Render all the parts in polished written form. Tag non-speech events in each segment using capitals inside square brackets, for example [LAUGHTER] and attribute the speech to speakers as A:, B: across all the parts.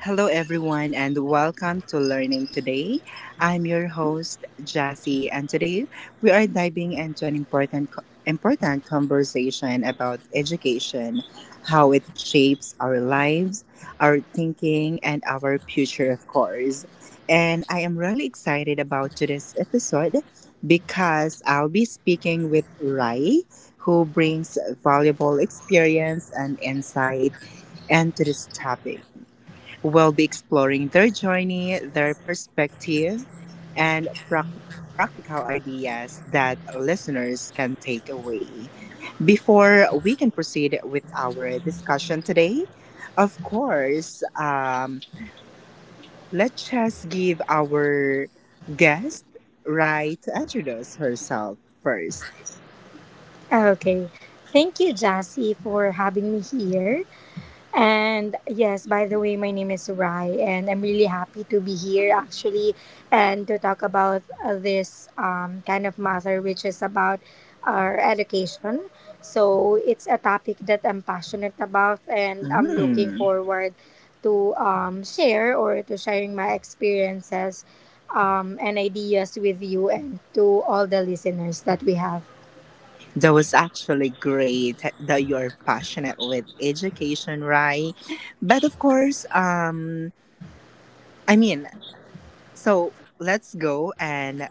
A: Hello, everyone, and welcome to Learning Today. I'm your host, Jassy, and today we are diving into an important, important conversation about education, how it shapes our lives, our thinking, and our future, of course. And I am really excited about today's episode because I'll be speaking with Rai, who brings valuable experience and insight into this topic. We'll be exploring their journey, their perspective, and practical ideas that listeners can take away. Before we can proceed with our discussion today, of course, let's just give our guest right to introduce herself first.
B: Okay. Thank you, Jassy, for having me here. And yes, by the way, my name is Rai, and I'm really happy to be here actually and to talk about this kind of matter, which is about our education. So it's a topic that I'm passionate about, and I'm looking
A: Mm,
B: forward to share or to sharing my experiences and ideas with you and to all the listeners that we have.
A: that was actually great that you're passionate with education, right? But of course, I mean, so let's go and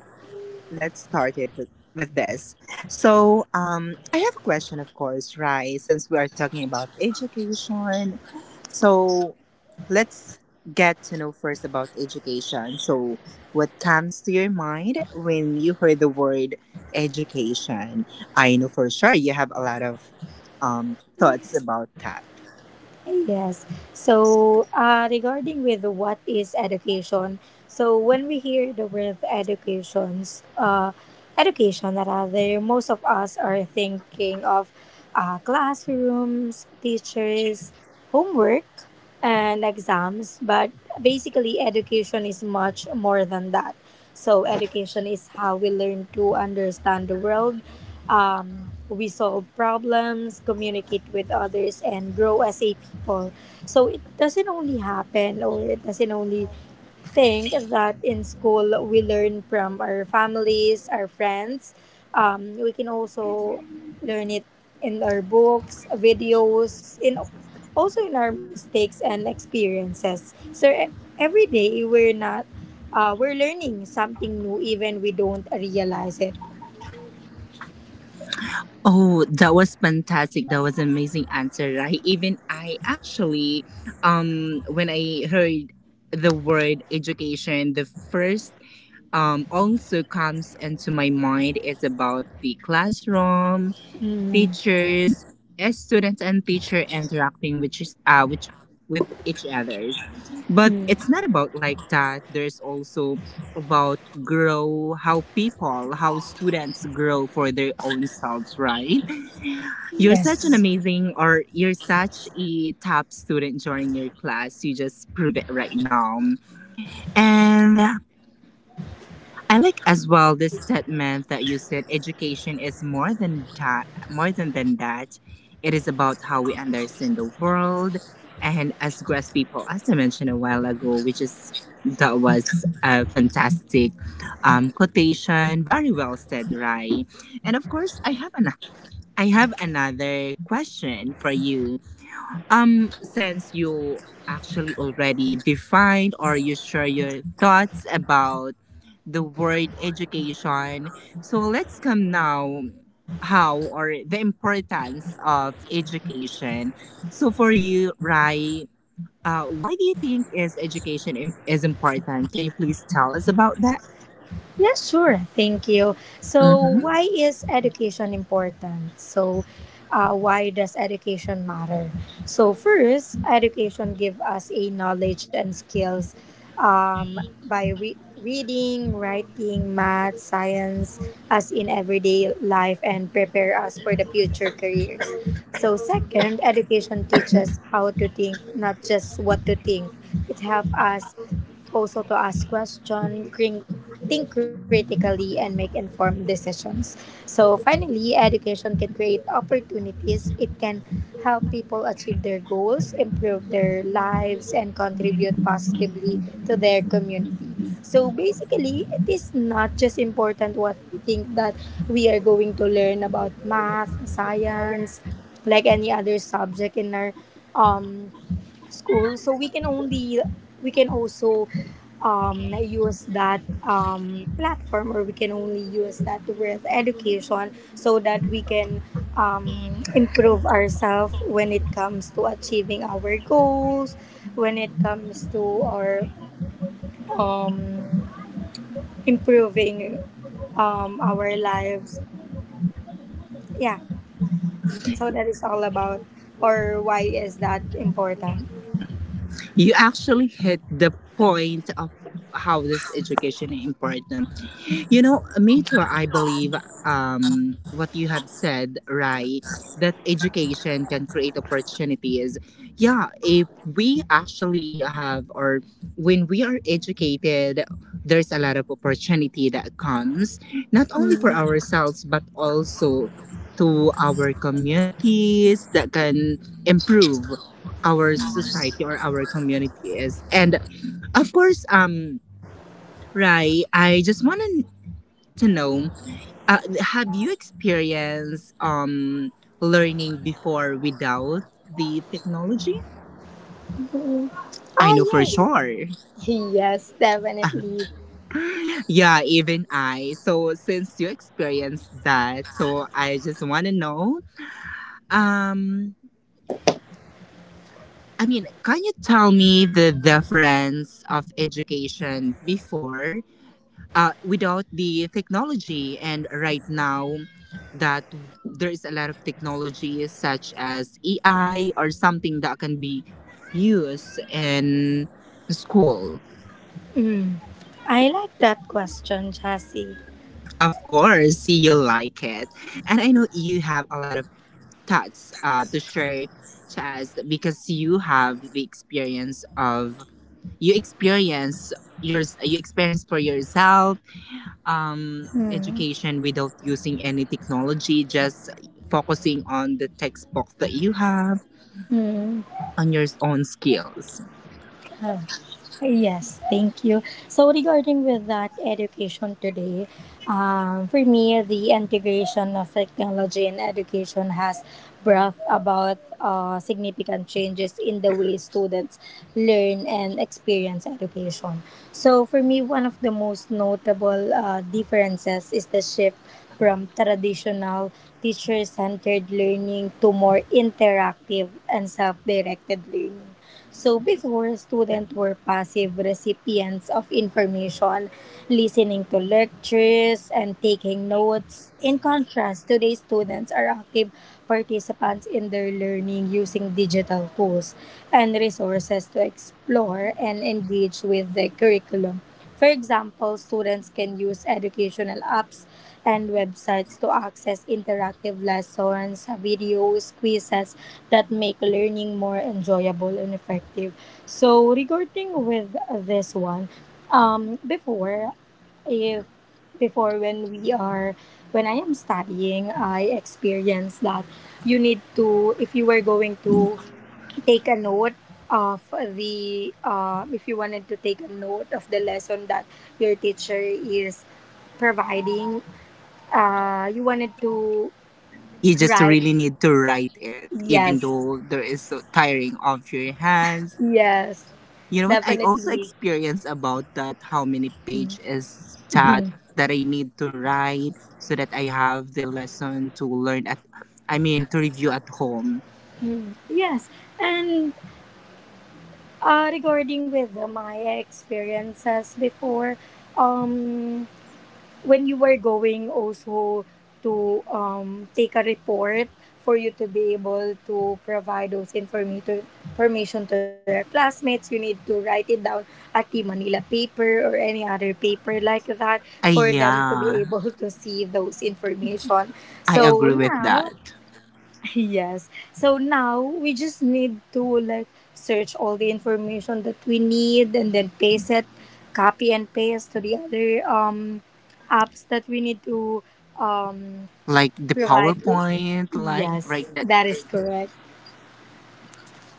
A: let's start it with this. So, I have a question, of course, right? Since we are talking about education, so let's get to know first about education. So, what comes to your mind when you hear the word education? I know for sure you have a lot of thoughts about that.
B: Yes. So, regarding with what is education, so when we hear the word educations, education rather, most of us are thinking of classrooms, teachers, homework, and exams. But basically, education is much more than that. So, education is how we learn to understand the world. We solve problems, communicate with others, and grow as a people. So it doesn't only happen, or it doesn't only think that in school we learn from our families, our friends. We can also learn it in our books, videos, in also in our mistakes and experiences. So every day we're not we're learning something new, even we don't realize it.
A: Oh, that was fantastic. That was an amazing answer, right? Even I actually, when I heard the word education, the first also comes into my mind is about the classroom,
B: Mm.
A: teachers, as students and teacher interacting with is, which with each others. But
B: Mm.
A: it's not about like that. There's also about grow how people, how students grow for their own selves, right? You're such an
B: Yes.
A: amazing, or you're such a top student during your class. You just prove it right now. And I like as well this statement that you said education is more than that, more than that. It is about how we understand the world. And as grass people, as I mentioned a while ago, which is that was a fantastic quotation. Very well said, Rai. And of course, I have another question for you. Since you actually already defined or you share your thoughts about the word education, so let's come now how or the importance of education. So for you, Rai, why do you think is education is important? Can you please tell us about that?
B: Yeah, sure. Thank you. So, why is education important? So, why does education matter? So, first, education give us a knowledge and skills, by reading, writing, math, science, as in everyday life, and prepare us for the future careers. So, second, education teaches how to think, not just what to think. It helps us also to ask questions, think critically, and make informed decisions. So, finally, education can create opportunities. It can help people achieve their goals, improve their lives, and contribute positively to their community. So, basically, it is not just important what we think, that we are going to learn about math, science, like any other subject in our um school. So we can also use that platform, or we can only use that with education so that we can improve ourselves when it comes to achieving our goals, when it comes to our um, improving our lives. Yeah, so that is all about, or why is that important.
A: You actually hit the point of how this education is important. You know, me too, I believe what you have said, Rai, that education can create opportunities. Yeah, if we actually have, or when we are educated, there's a lot of opportunity that comes, not only for
B: Mm.
A: ourselves, but also to our communities that can improve our society or our communities. And of course, Rai, I just want to know have you experienced learning before without the technology? I
B: Ah,
A: know for
B: yes.
A: sure.
B: [LAUGHS] Yes, definitely.
A: [LAUGHS] Yeah, even I. So since you experienced that, so I just want to know. Um, I mean, can you tell me the difference of education before without the technology. And right now, that there is a lot of technology such as AI or something that can be used in school.
B: I like that question, Jassy.
A: Of course, you like it. And I know you have a lot of thoughts to share, Chaz, because you have the experience of you experience you experience for yourself
B: Hmm.
A: education without using any technology, just focusing on the textbook that you have,
B: Hmm.
A: on your own skills.
B: Oh. Yes, thank you. So regarding with that education today, for me, the integration of technology and education has brought about significant changes in the way students learn and experience education. So for me, one of the most notable differences is the shift from traditional teacher-centered learning to more interactive and self-directed learning. So before, students were passive recipients of information, listening to lectures and taking notes. In contrast, today's students are active participants in their learning, using digital tools and resources to explore and engage with the curriculum. For example, students can use educational apps and websites to access interactive lessons, videos, quizzes that make learning more enjoyable and effective. So, regarding with this one, before, if before when we are when I am studying, I experienced that you need to, if you were going to take a note of the, if you wanted to take a note of the lesson that your teacher is providing, you wanted to
A: You just
B: write.
A: really need to write it, even
B: Yes.
A: though there is so tiring of your hands.
B: Yes,
A: You know what? I also
B: definitely.
A: experienced about that how many page is that that I need to write so that I have the lesson to learn at I mean to review at home.
B: Yes. And regarding with my experiences before, um when you were going also to take a report, for you to be able to provide those information to your classmates, you need to write it down at the Manila paper or any other paper like that,
A: Ah
B: for them to be
A: yeah,
B: able to see those information.
A: I
B: So
A: agree with
B: now—
A: that.
B: Yes. So now we just need to, like, search all the information that we need and then paste it, copy and paste to the other apps that we need to um
A: Like the
B: provide.
A: PowerPoint, like
B: Yes,
A: right that.
B: that is correct.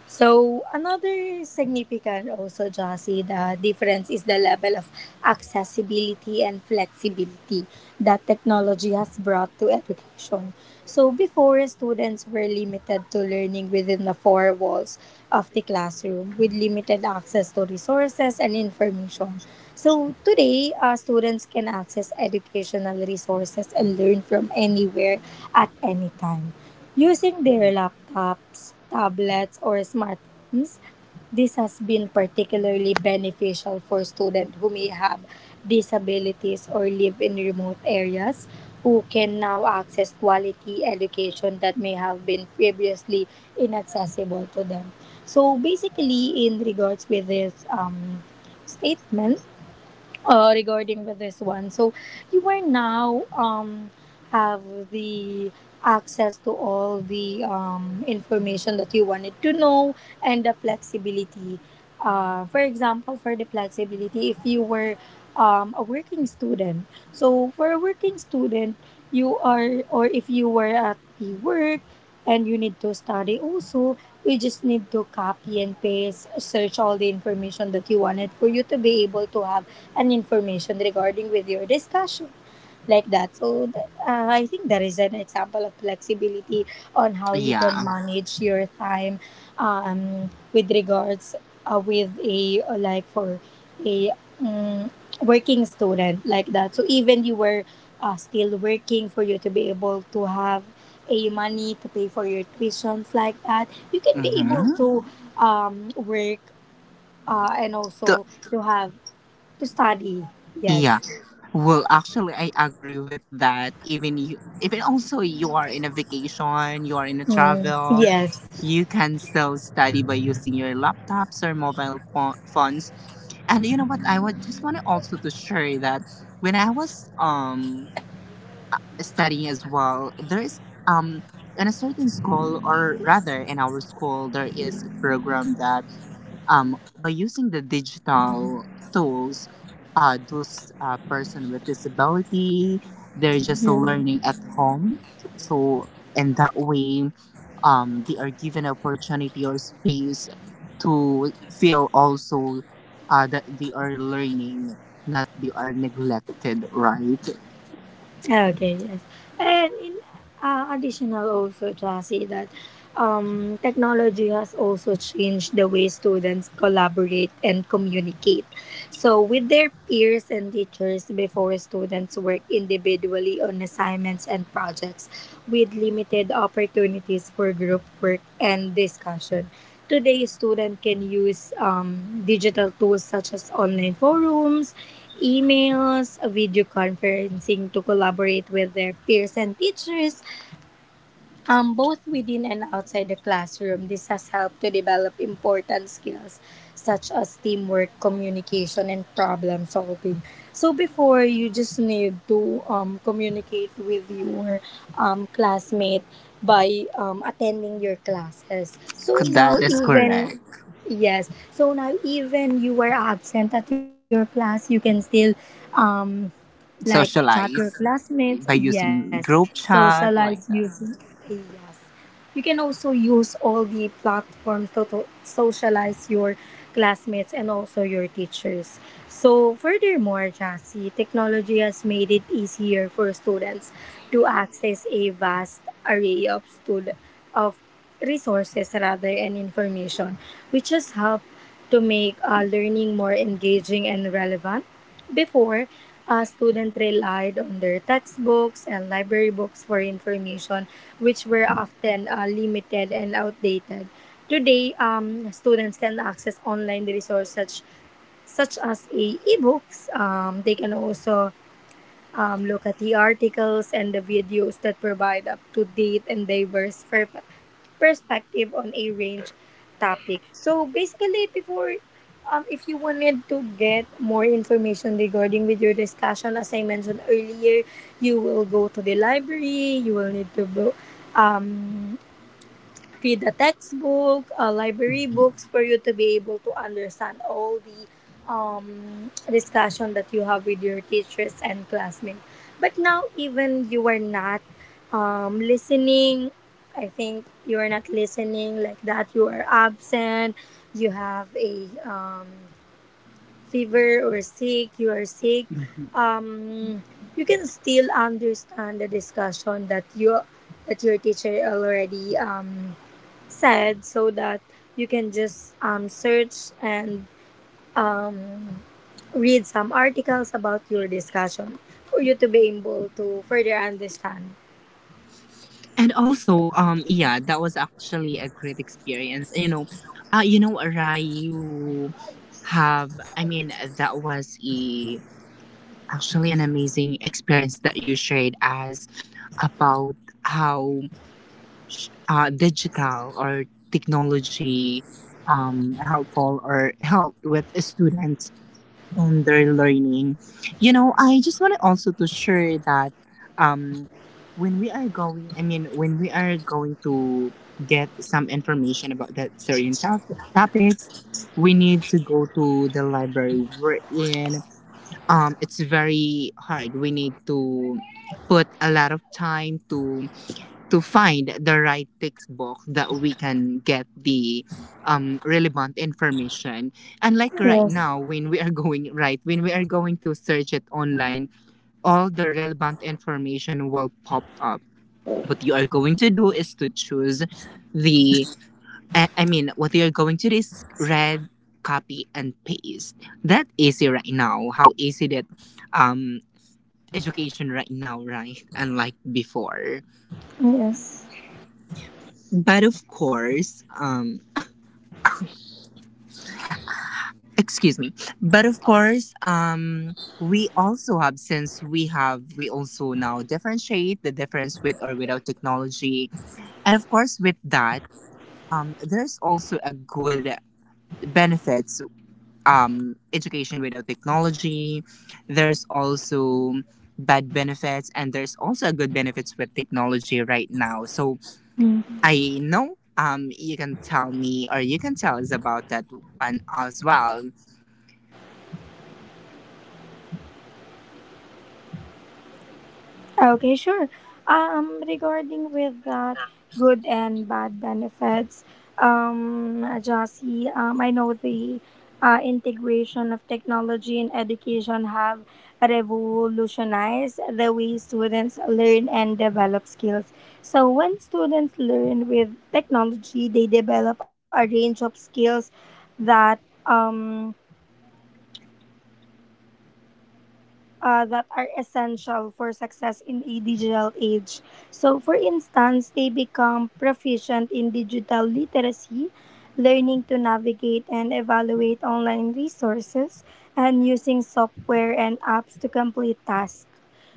B: So another significant also, Josie, the difference is the level of accessibility and flexibility that technology has brought to education. So before, students were limited to learning within the four walls of the classroom, with limited access to resources and information. So today, students can access educational resources and learn from anywhere at any time. Using their laptops, tablets, or smartphones, this has been particularly beneficial for students who may have disabilities or live in remote areas, who can now access quality education that may have been previously inaccessible to them. So basically, in regards with this statement, regarding with this one. So you are now have the access to all the information that you wanted to know, and the flexibility. For example, for the flexibility, if you were a working student, so for a working student, you are or if you were at the work, and you need to study also, you just need to copy and paste, search all the information that you wanted, for you to be able to have an information regarding with your discussion, like that. So I think that is an example of flexibility on how you can
A: Yeah.
B: manage your time, with regards with a like for a um, working student like that, so even you were still working, for you to be able to have a money to pay for your tuitions like that, you can be able
A: Mm-hmm.
B: to work, and
A: The,
B: also to study.
A: yeah.
B: Yes.
A: Well, actually, I agree with that. Even you, even also, you are in a vacation, you are in a
B: Mm,
A: travel,
B: yes.
A: you can still study by using your laptops or mobile phones. And you know what? I would just want to also to share that when I was studying as well, there is um in a certain school or rather in our school there is a program that by using the digital tools those person with disability they're just learning at home, so in that way they are given opportunity or space to feel also that they are learning, not they are neglected, right?
B: Okay, yes. And in additional also, Chassi, that technology has also changed the way students collaborate and communicate. So with their peers and teachers, before, students work individually on assignments and projects, with limited opportunities for group work and discussion. Today, students can use digital tools such as online forums, emails, video conferencing to collaborate with their peers and teachers, both within and outside the classroom. This has helped to develop important skills such as teamwork, communication, and problem solving. So before, you just need to communicate with your classmate by attending your classes. So now,
A: That is
B: even—
A: correct.
B: Yes, so now, even you were absent at your class, you can still, um, like, chat your
A: Socialize
B: classmates.
A: by
B: Yes.
A: using group
B: Socialize
A: chat like
B: using—
A: that.
B: Yes, you can also use all the platforms to socialize your classmates and also your teachers. So furthermore, Jassy, technology has made it easier for students to access a vast array of of resources rather, and information, which has helped to make learning more engaging and relevant. Before, students relied on their textbooks and library books for information, which were often limited and outdated. Today, students can access online resources, such as a ebooks. They can also look at the articles and the videos that provide up to date and diverse perspective on a range topic. So basically, before, if you wanted to get more information regarding with your discussion, as I mentioned earlier, you will go to the library. You will need to go, um, read a textbook, library books, for you to be able to understand all the discussion that you have with your teachers and classmates. But now, even you are not listening— I think you are not listening, like that, you are absent, you have a fever or sick, you are sick. Um, you can still understand the discussion that you that your teacher already said, so that you can just search and um, read some articles about your discussion for you to be able to further understand.
A: And also, yeah, that was actually a great experience. And, you know, Rayu have. I mean, that was a actually an amazing experience that you shared as about how digital or technology helpful or helped with students and their learning. You know, I just wanted also to share that um, when we are going, I mean, when we are going to get some information about that certain topics, we need to go to the library we're in. It's very hard. We need to put a lot of time to find the right textbook that we can get the relevant information. And like right
B: Yes,
A: now, when we are [LAUGHS] going right, when we are going to search it online, all the relevant information will pop up. What you are going to do is to choose the. I mean, what you are going to do is read, copy, and paste. That easy right now. How easy that um education right now, right? Unlike before.
B: yes.
A: But of course, excuse me, but of course we also have since we also now differentiate the difference with or without technology, and of course with that there's also a good benefits education without technology there's also bad benefits and there's also a good benefits with technology right now. So I know you can tell me or you can tell us about that one as well.
B: Okay, sure. Regarding with that good and bad benefits, Jasi, I know the integration of technology in education have revolutionized the way students learn and develop skills. So when students learn with technology, they develop a range of skills that um, that are essential for success in a digital age. So, for instance, they become proficient in digital literacy, learning to navigate and evaluate online resources, and using software and apps to complete tasks.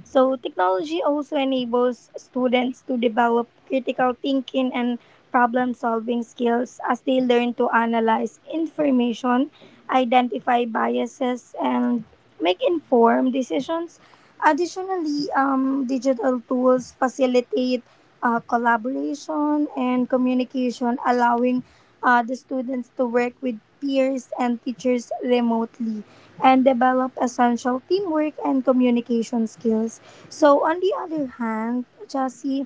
B: So, technology also enables students to develop critical thinking and problem solving skills, as they learn to analyze information, identify biases, and make informed decisions. Additionally, digital tools facilitate collaboration and communication, allowing the students to work with peers and teachers remotely, and develop essential teamwork and communication skills. So, on the other hand, Jassy,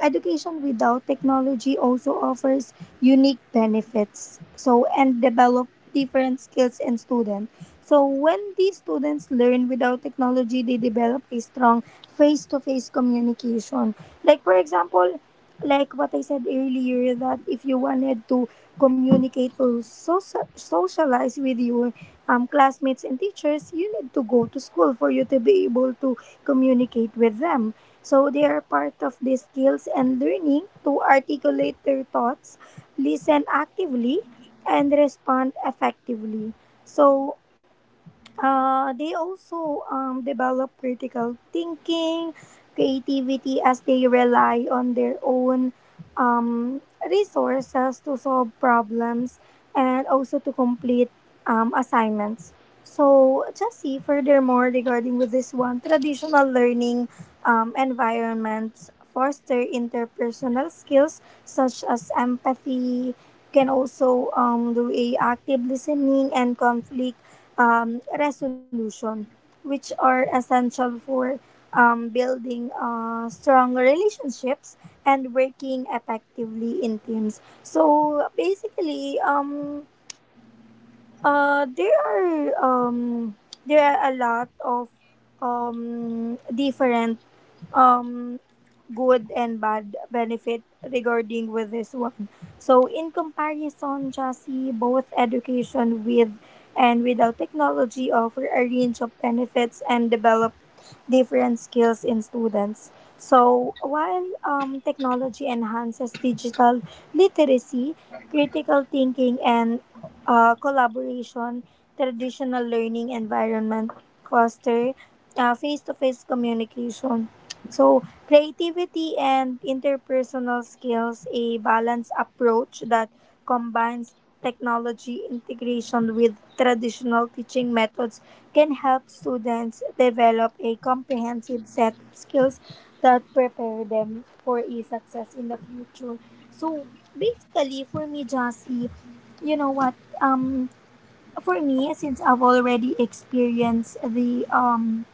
B: education without technology also offers unique benefits, so, and develop different skills in students. So, when these students learn without technology, they develop a strong face to face communication. Like, for example, like what I said earlier, that if you wanted to communicate or socialize with your classmates and teachers, you need to go to school for you to be able to communicate with them. So they are part of the skills and learning to articulate their thoughts, listen actively, and respond effectively. So they also develop critical thinking, creativity as they rely on their own um, resources to solve problems and also to complete assignments. So, just see furthermore regarding with this one, traditional learning environments foster interpersonal skills such as empathy, can also do a active listening and conflict resolution, which are essential for building strong relationships and working effectively in teams. So basically, there are there are a lot of different um, good and bad benefit regarding with this one. So in comparison, Jassy, both education with and without technology offer a range of benefits and develop different skills in students. So, while technology enhances digital literacy, critical thinking, and collaboration, traditional learning environment foster face-to-face communication. So, creativity and interpersonal skills, a balanced approach that combines technology integration with traditional teaching methods can help students develop a comprehensive set of skills that prepare them for a success in the future. So basically, for me, Jassy, you know what? Um, for me, since I've already experienced the um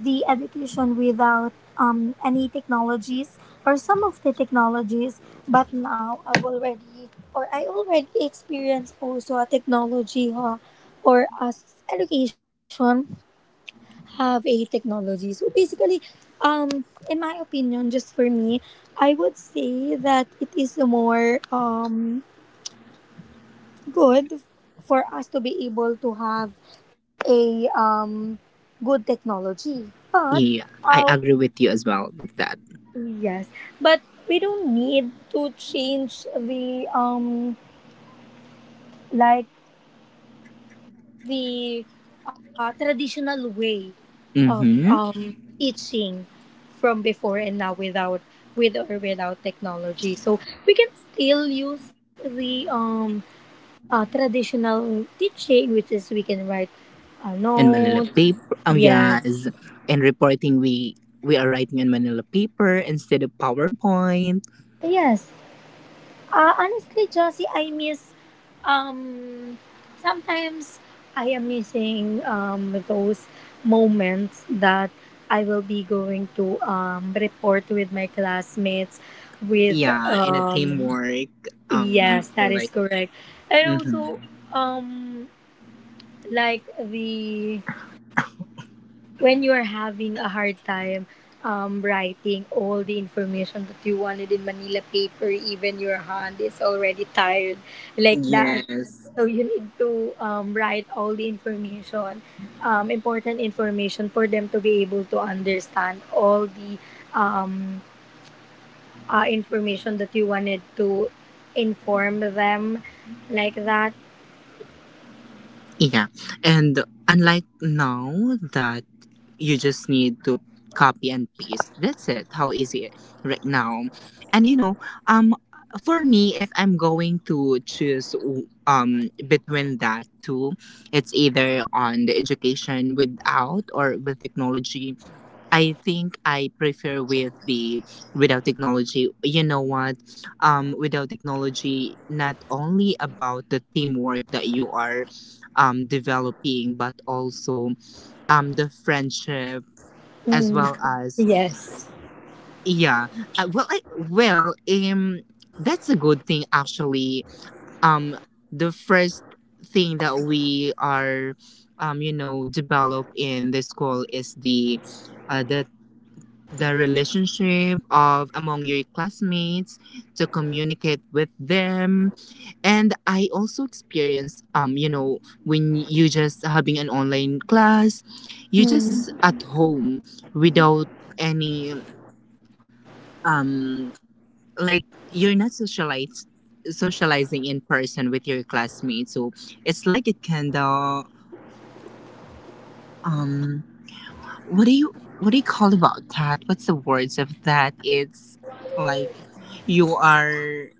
B: the education without any technologies or some of the technologies, but now I've already or I already experienced also a technology huh, or as education have a technology. So basically, um, in my opinion, just for me, I would say that it is more good for us to be able to have a good technology. But
A: Yeah, I
B: uh,
A: agree with you as well with that.
B: yes, but we don't need to change the like the traditional way of
A: Mm-hmm.
B: teaching from before and now without with or without technology, so we can still use the traditional teaching, which is we can write
A: And Manila
B: notes.
A: paper.
B: Yes.
A: Yes. And reporting, we are writing in Manila paper instead of PowerPoint.
B: Yes. Honestly, Josie, I miss. Um, Sometimes I am missing those moments that I will be going to report with my classmates. With
A: Yeah, in a teamwork.
B: yes, that is
A: Like.
B: correct, and also
A: Mm-hmm.
B: um, like the when you are having a hard time writing all the information that you wanted in Manila paper, even your hand is already tired like that.
A: Yes.
B: So you need to write all the information, important information for them to be able to understand all the um, information that you wanted to inform them, like that.
A: Yeah, and unlike now that you just need to copy and paste, that's it. How easy it right now. And you know, um for me, if I'm going to choose between that two, it's either on the education without or with technology. I think I prefer with the without technology. You know what? Um, without technology, not only about the teamwork that you are developing, but also the friendship as
B: Mm,
A: well as,
B: yes. [LAUGHS]
A: yeah, well I, that's a good thing actually. Um, the first thing that we are develop in the school is the uh, the the relationship of among your classmates to communicate with them. And I also experience when you just having an online class, you just at home without any, um like, you're not socialize socializing in person with your classmates, so it's like it kind of, um what do you, what do you call about that, what's the words of that, it's like, you are,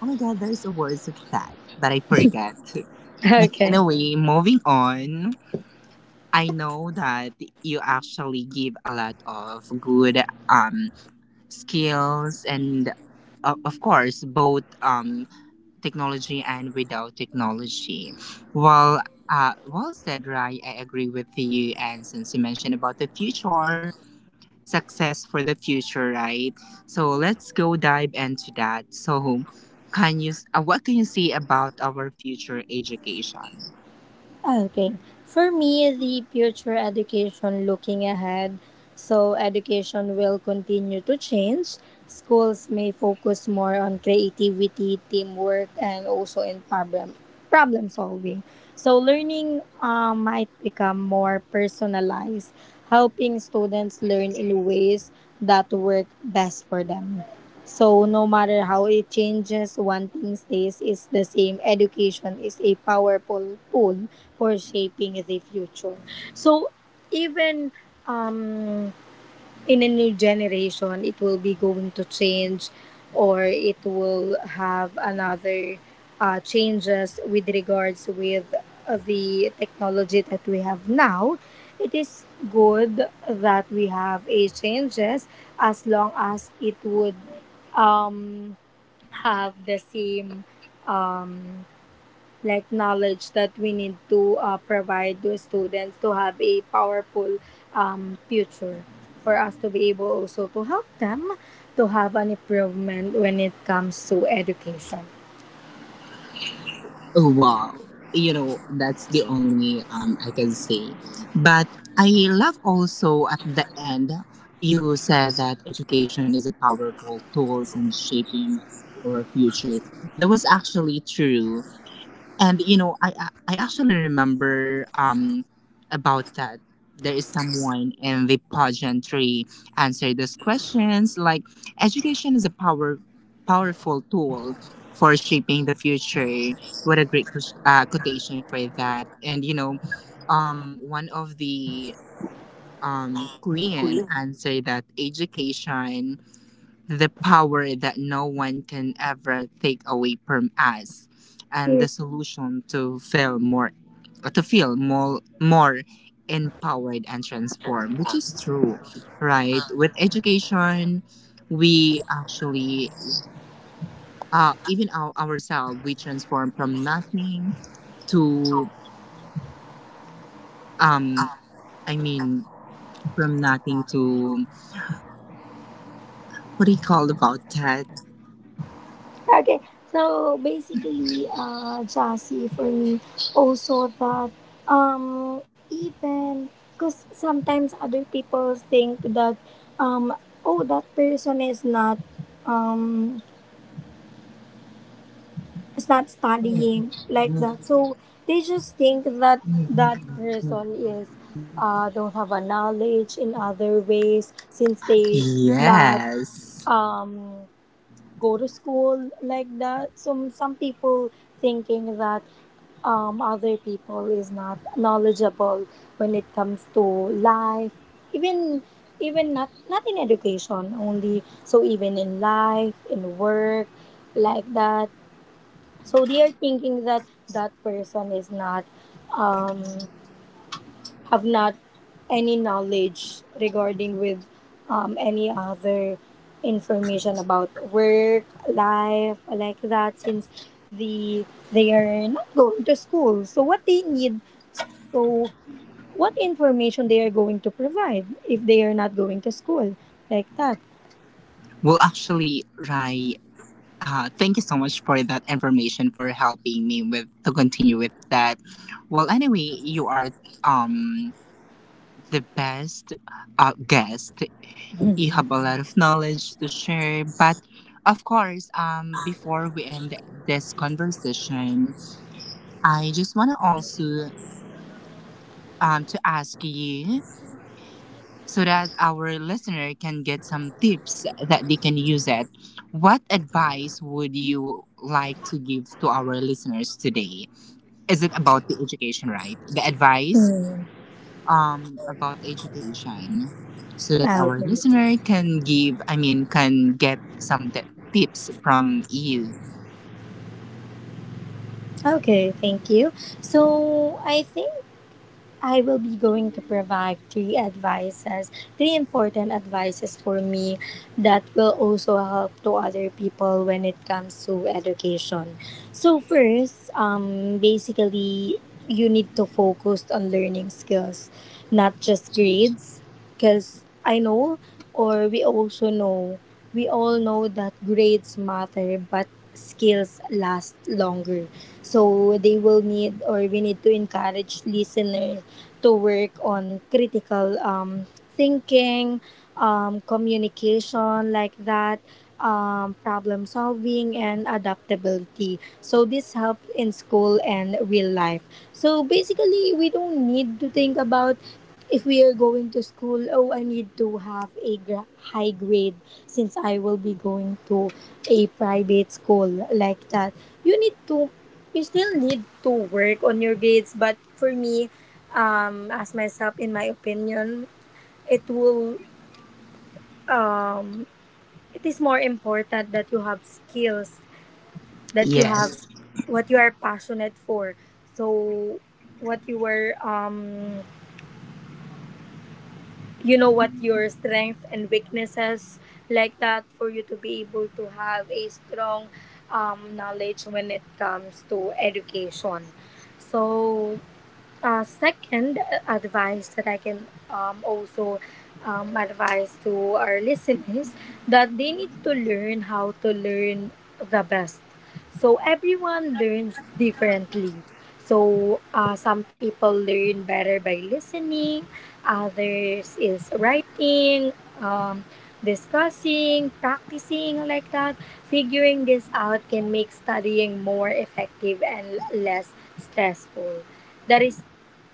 A: oh my god, there's a words of that that I forgot. But
B: Okay.
A: anyway, moving on, I know that you actually give a lot of good um skills and of course both technology and without technology. Well, well said, Rai. I agree with you. And since you mentioned about the future, success for the future, right? So let's go dive into that. So, can you? What can you see about our future education?
B: Okay. For me, the future education looking ahead, so education will continue to change. Schools may focus more on creativity, teamwork, and also in problem solving. So learning might become more personalized, helping students learn in ways that work best for them. So no matter how it changes, one thing stays is the same. Education is a powerful tool for shaping the future. So even um in a new generation it will be going to change or it will have another changes with regards with the technology that we have now. It is good that we have a changes as long as it would um, have the same um, like knowledge that we need to provide to students to have a powerful future for us to be able also to help them to have an improvement when it comes to education.
A: Oh, wow. You know, that's the only I can say. But I love also at the end you said that education is a powerful tool in shaping our future. That was actually true. And you know, I actually remember about that. There is someone in the pageantry answered those questions. Like, education is a powerful tool for shaping the future. What a great quotation for that. And you know, one of the queen answered that education, the power that no one can ever take away from us, and the solution to feel more to feel more empowered and transformed, which is true, right? With education we actually, ourselves we transform from nothing to, um i mean from nothing to what do you call about that?
B: Okay. So basically, Jassy, for me, also that even because sometimes other people think that um, oh, that person is um, not studying, like that. So they just think that that person is don't have a knowledge in other ways since they not
A: Yes,
B: um, go to school, like that. Some people thinking that other people is not knowledgeable when it comes to life, even not not in education only. So even in life, in work, like that, so they are thinking that that person is um, not any knowledge regarding with any other information about work, life, like that. Since the they are not going to school, so what they need, so what information they are going to provide if they are not going to school, like that.
A: well actually right. Thank you so much for that information for helping me with to continue with that. Well, anyway, you are um the best guest. You have a lot of knowledge to share, but of course, before we end this conversation, I just want to also to ask you so that our listener can get some tips that they can use it. What advice would you like to give to our listeners today? Is it about the education, right? The advice
B: Mm,
A: about education so that
B: ah,
A: our
B: okay.
A: listener can give, I mean, can get some tips from you.
B: Okay, thank you. So I think I will be going to provide three advices, three important advices for me that will also help to other people when it comes to education. So first, basically, you need to focus on learning skills, not just grades. Because I know, or we also know, we all know that grades matter, but skills last longer. So they will need, or we need to encourage listeners to work on critical thinking, communication, like that. Problem solving and adaptability. So, this helps in school and real life. So, basically, we don't need to think about if we are going to school, oh, I need to have a high grade since I will be going to a private school, like that. You need to, you still need to work on your grades. But for me, as myself, in my opinion, it will, um, it is more important that you have skills, that you have
A: Yes.
B: what you are passionate for. So, what you were, um, you know what your strength and weaknesses, like that, for you to be able to have a strong knowledge when it comes to education. So second advice that I can also advise to our listeners that they need to learn how to learn the best. So everyone learns differently. So some people learn better by listening, others is writing, um, discussing, practicing, like that. Figuring this out can make studying more effective and less stressful. That is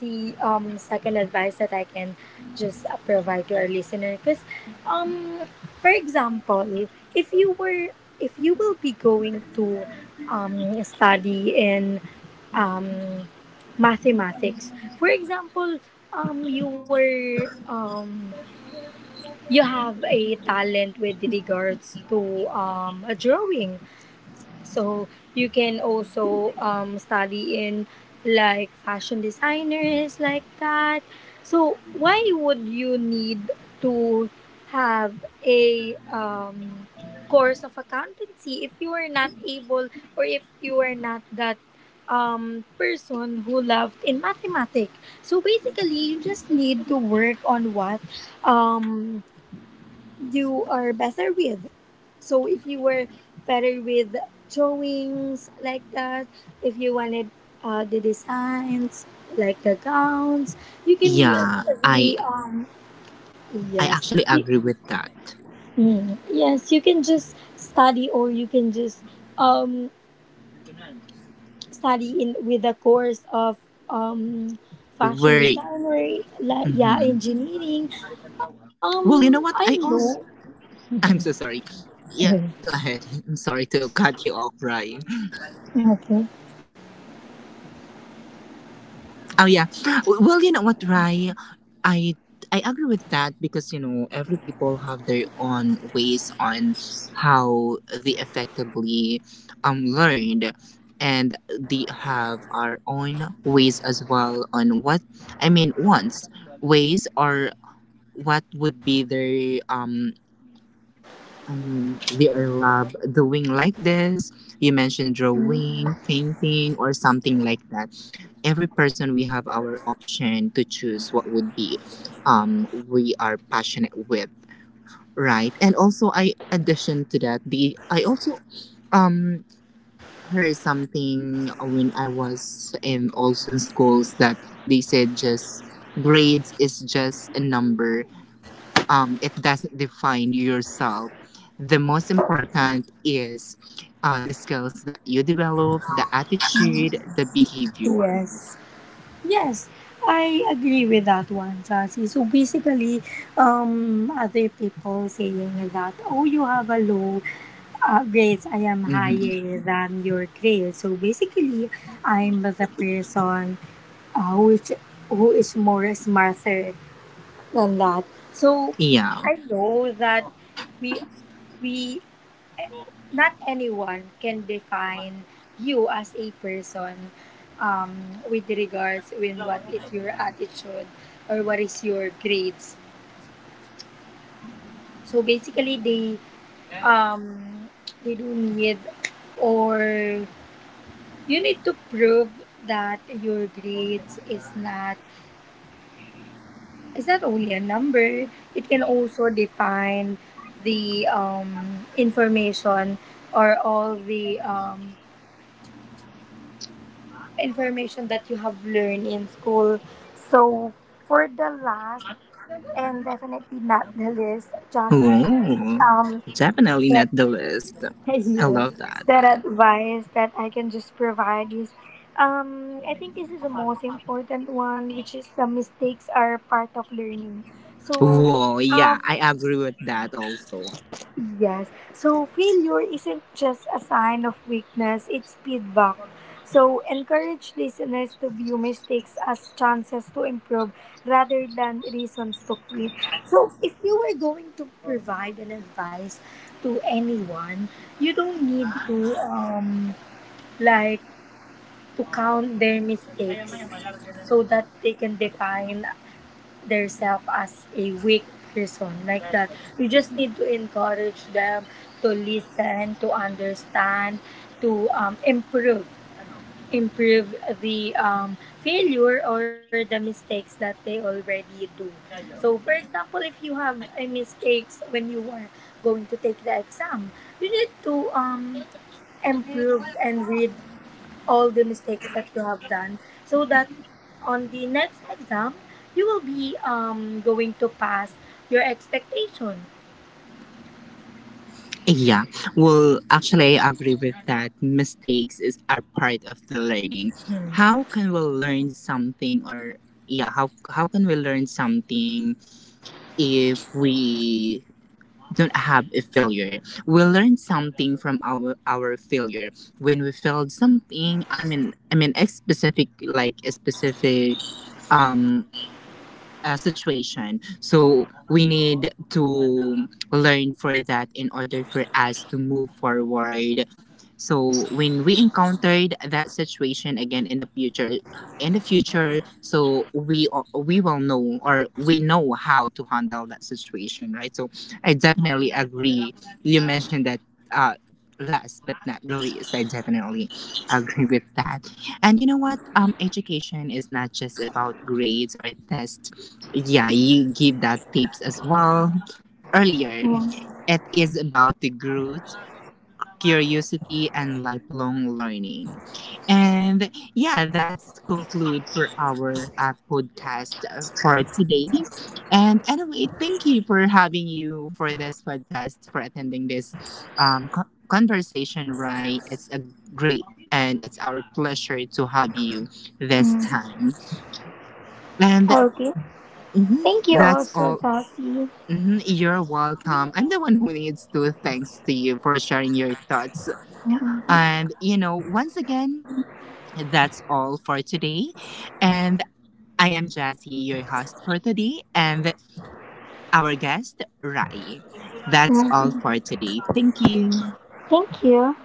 B: the second advice that I can just provide to our listener. Because, um, for example, if you were, if you will be going to study in um, mathematics, for example, um, you were um, you have a talent with regards to a drawing, so you can also study in like fashion designers, like that. So why would you need to have a course of accountancy if you are not able or if you are not that person who loved in mathematics? So basically, you just need to work on what um, you are better with. So if you were better with drawings, like that, if you wanted the designs like the gowns, you can use
A: Yeah, I
B: the
A: I
B: yes.
A: actually agree with that.
B: Mm, yes, you can just study or you can just um study in with a course of um fashion
A: Very.
B: designer, like, yeah,
A: Mhm.
B: engineering.
A: Well, you
B: I
A: know what? I
B: know.
A: also. I'm so sorry. Yeah,
B: [LAUGHS]
A: go ahead. [LAUGHS] I'm sorry to cut you off, Ryan.
B: Okay.
A: Oh yeah. Well, you know what, Rai? I I agree with that, because you know every people have their own ways on how they effectively learned, and they have our own ways as well on what I mean. Wants ways or what would be their I mean, they are love doing like this. You mentioned
B: Mm,
A: drawing, painting, or something like that. Every person we have our option to choose what would be, we are passionate with, right? And also, I addition to that, the I also, um, heard something when I was in also in schools that they said just grades is just a number, it doesn't define yourself. The most important is the skills that you develop, the attitude, the behavior.
B: yes. Yes, I agree with that one, Chelsea. So basically, other people saying that, oh, you have a low grades, I am
A: Hmm.
B: higher than your grades. So basically, I'm the person which who is more smarter than that. So
A: Yeah.
B: I know that we we not anyone can define you as a person with regards when what is your attitude or what is your grades. So basically, um, they do need or you need to prove that your grades is not only a number. It can also define the information or all the information that you have learned in school. So for the last and definitely not the least, Jossie,
A: Oh,
B: um,
A: definitely not
B: that,
A: the list.
B: [LAUGHS]
A: I
B: yes,
A: love that.
B: that advice that I can just provide is, I think this is the most important one, which is the mistakes are part of learning. So,
A: Oh, yeah,
B: um,
A: I agree with that also.
B: yes. So failure isn't just a sign of weakness, it's feedback. So encourage listeners to view mistakes as chances to improve rather than reasons to quit. So if you were going to provide an advice to anyone, you don't need to like to count their mistakes so that they can define themselves as a weak person, like that. You just need to encourage them to listen, to understand, to improve, improve the failure or the mistakes that they already do. So, for example, if you have a mistakes when you are going to take the exam, you need to improve and read all the mistakes that you have done so that on the next exam you will be going to pass your expectation.
A: Yeah, well, actually, I agree with that. Mistakes is are part of the learning.
B: Hmm.
A: How can we learn something, or yeah, how can we learn something if we don't have a failure. We learn something from our failure. When we failed something, I mean a specific like a specific um situation. So we need to learn for that in order for us to move forward. So when we encountered that situation again in the future, so we will know or we know how to handle that situation, right? So I definitely agree. You mentioned that. Uh, last but not the least, I definitely agree with that. And you know what, education is not just about grades or tests. Yeah, you give that tips as well earlier.
B: Mm,
A: It is about the growth, curiosity, and lifelong learning. And yeah, that's conclude for our podcast for today. And anyway, thank you for having you for this podcast, for attending this conversation, right? It's a great and it's our pleasure to have you this
B: mm.
A: time. And
B: Okay.
A: mhm,
B: Thank you
A: that's
B: also,
A: all.
B: Chelsea.
A: Mhm, you're welcome. I'm the one who needs to thanks to you for sharing your thoughts. And you know, once again, that's all for today. And I am Jassy, your host for today, and our guest Rai. That's all
B: Thank
A: for today. Thank you.
B: you.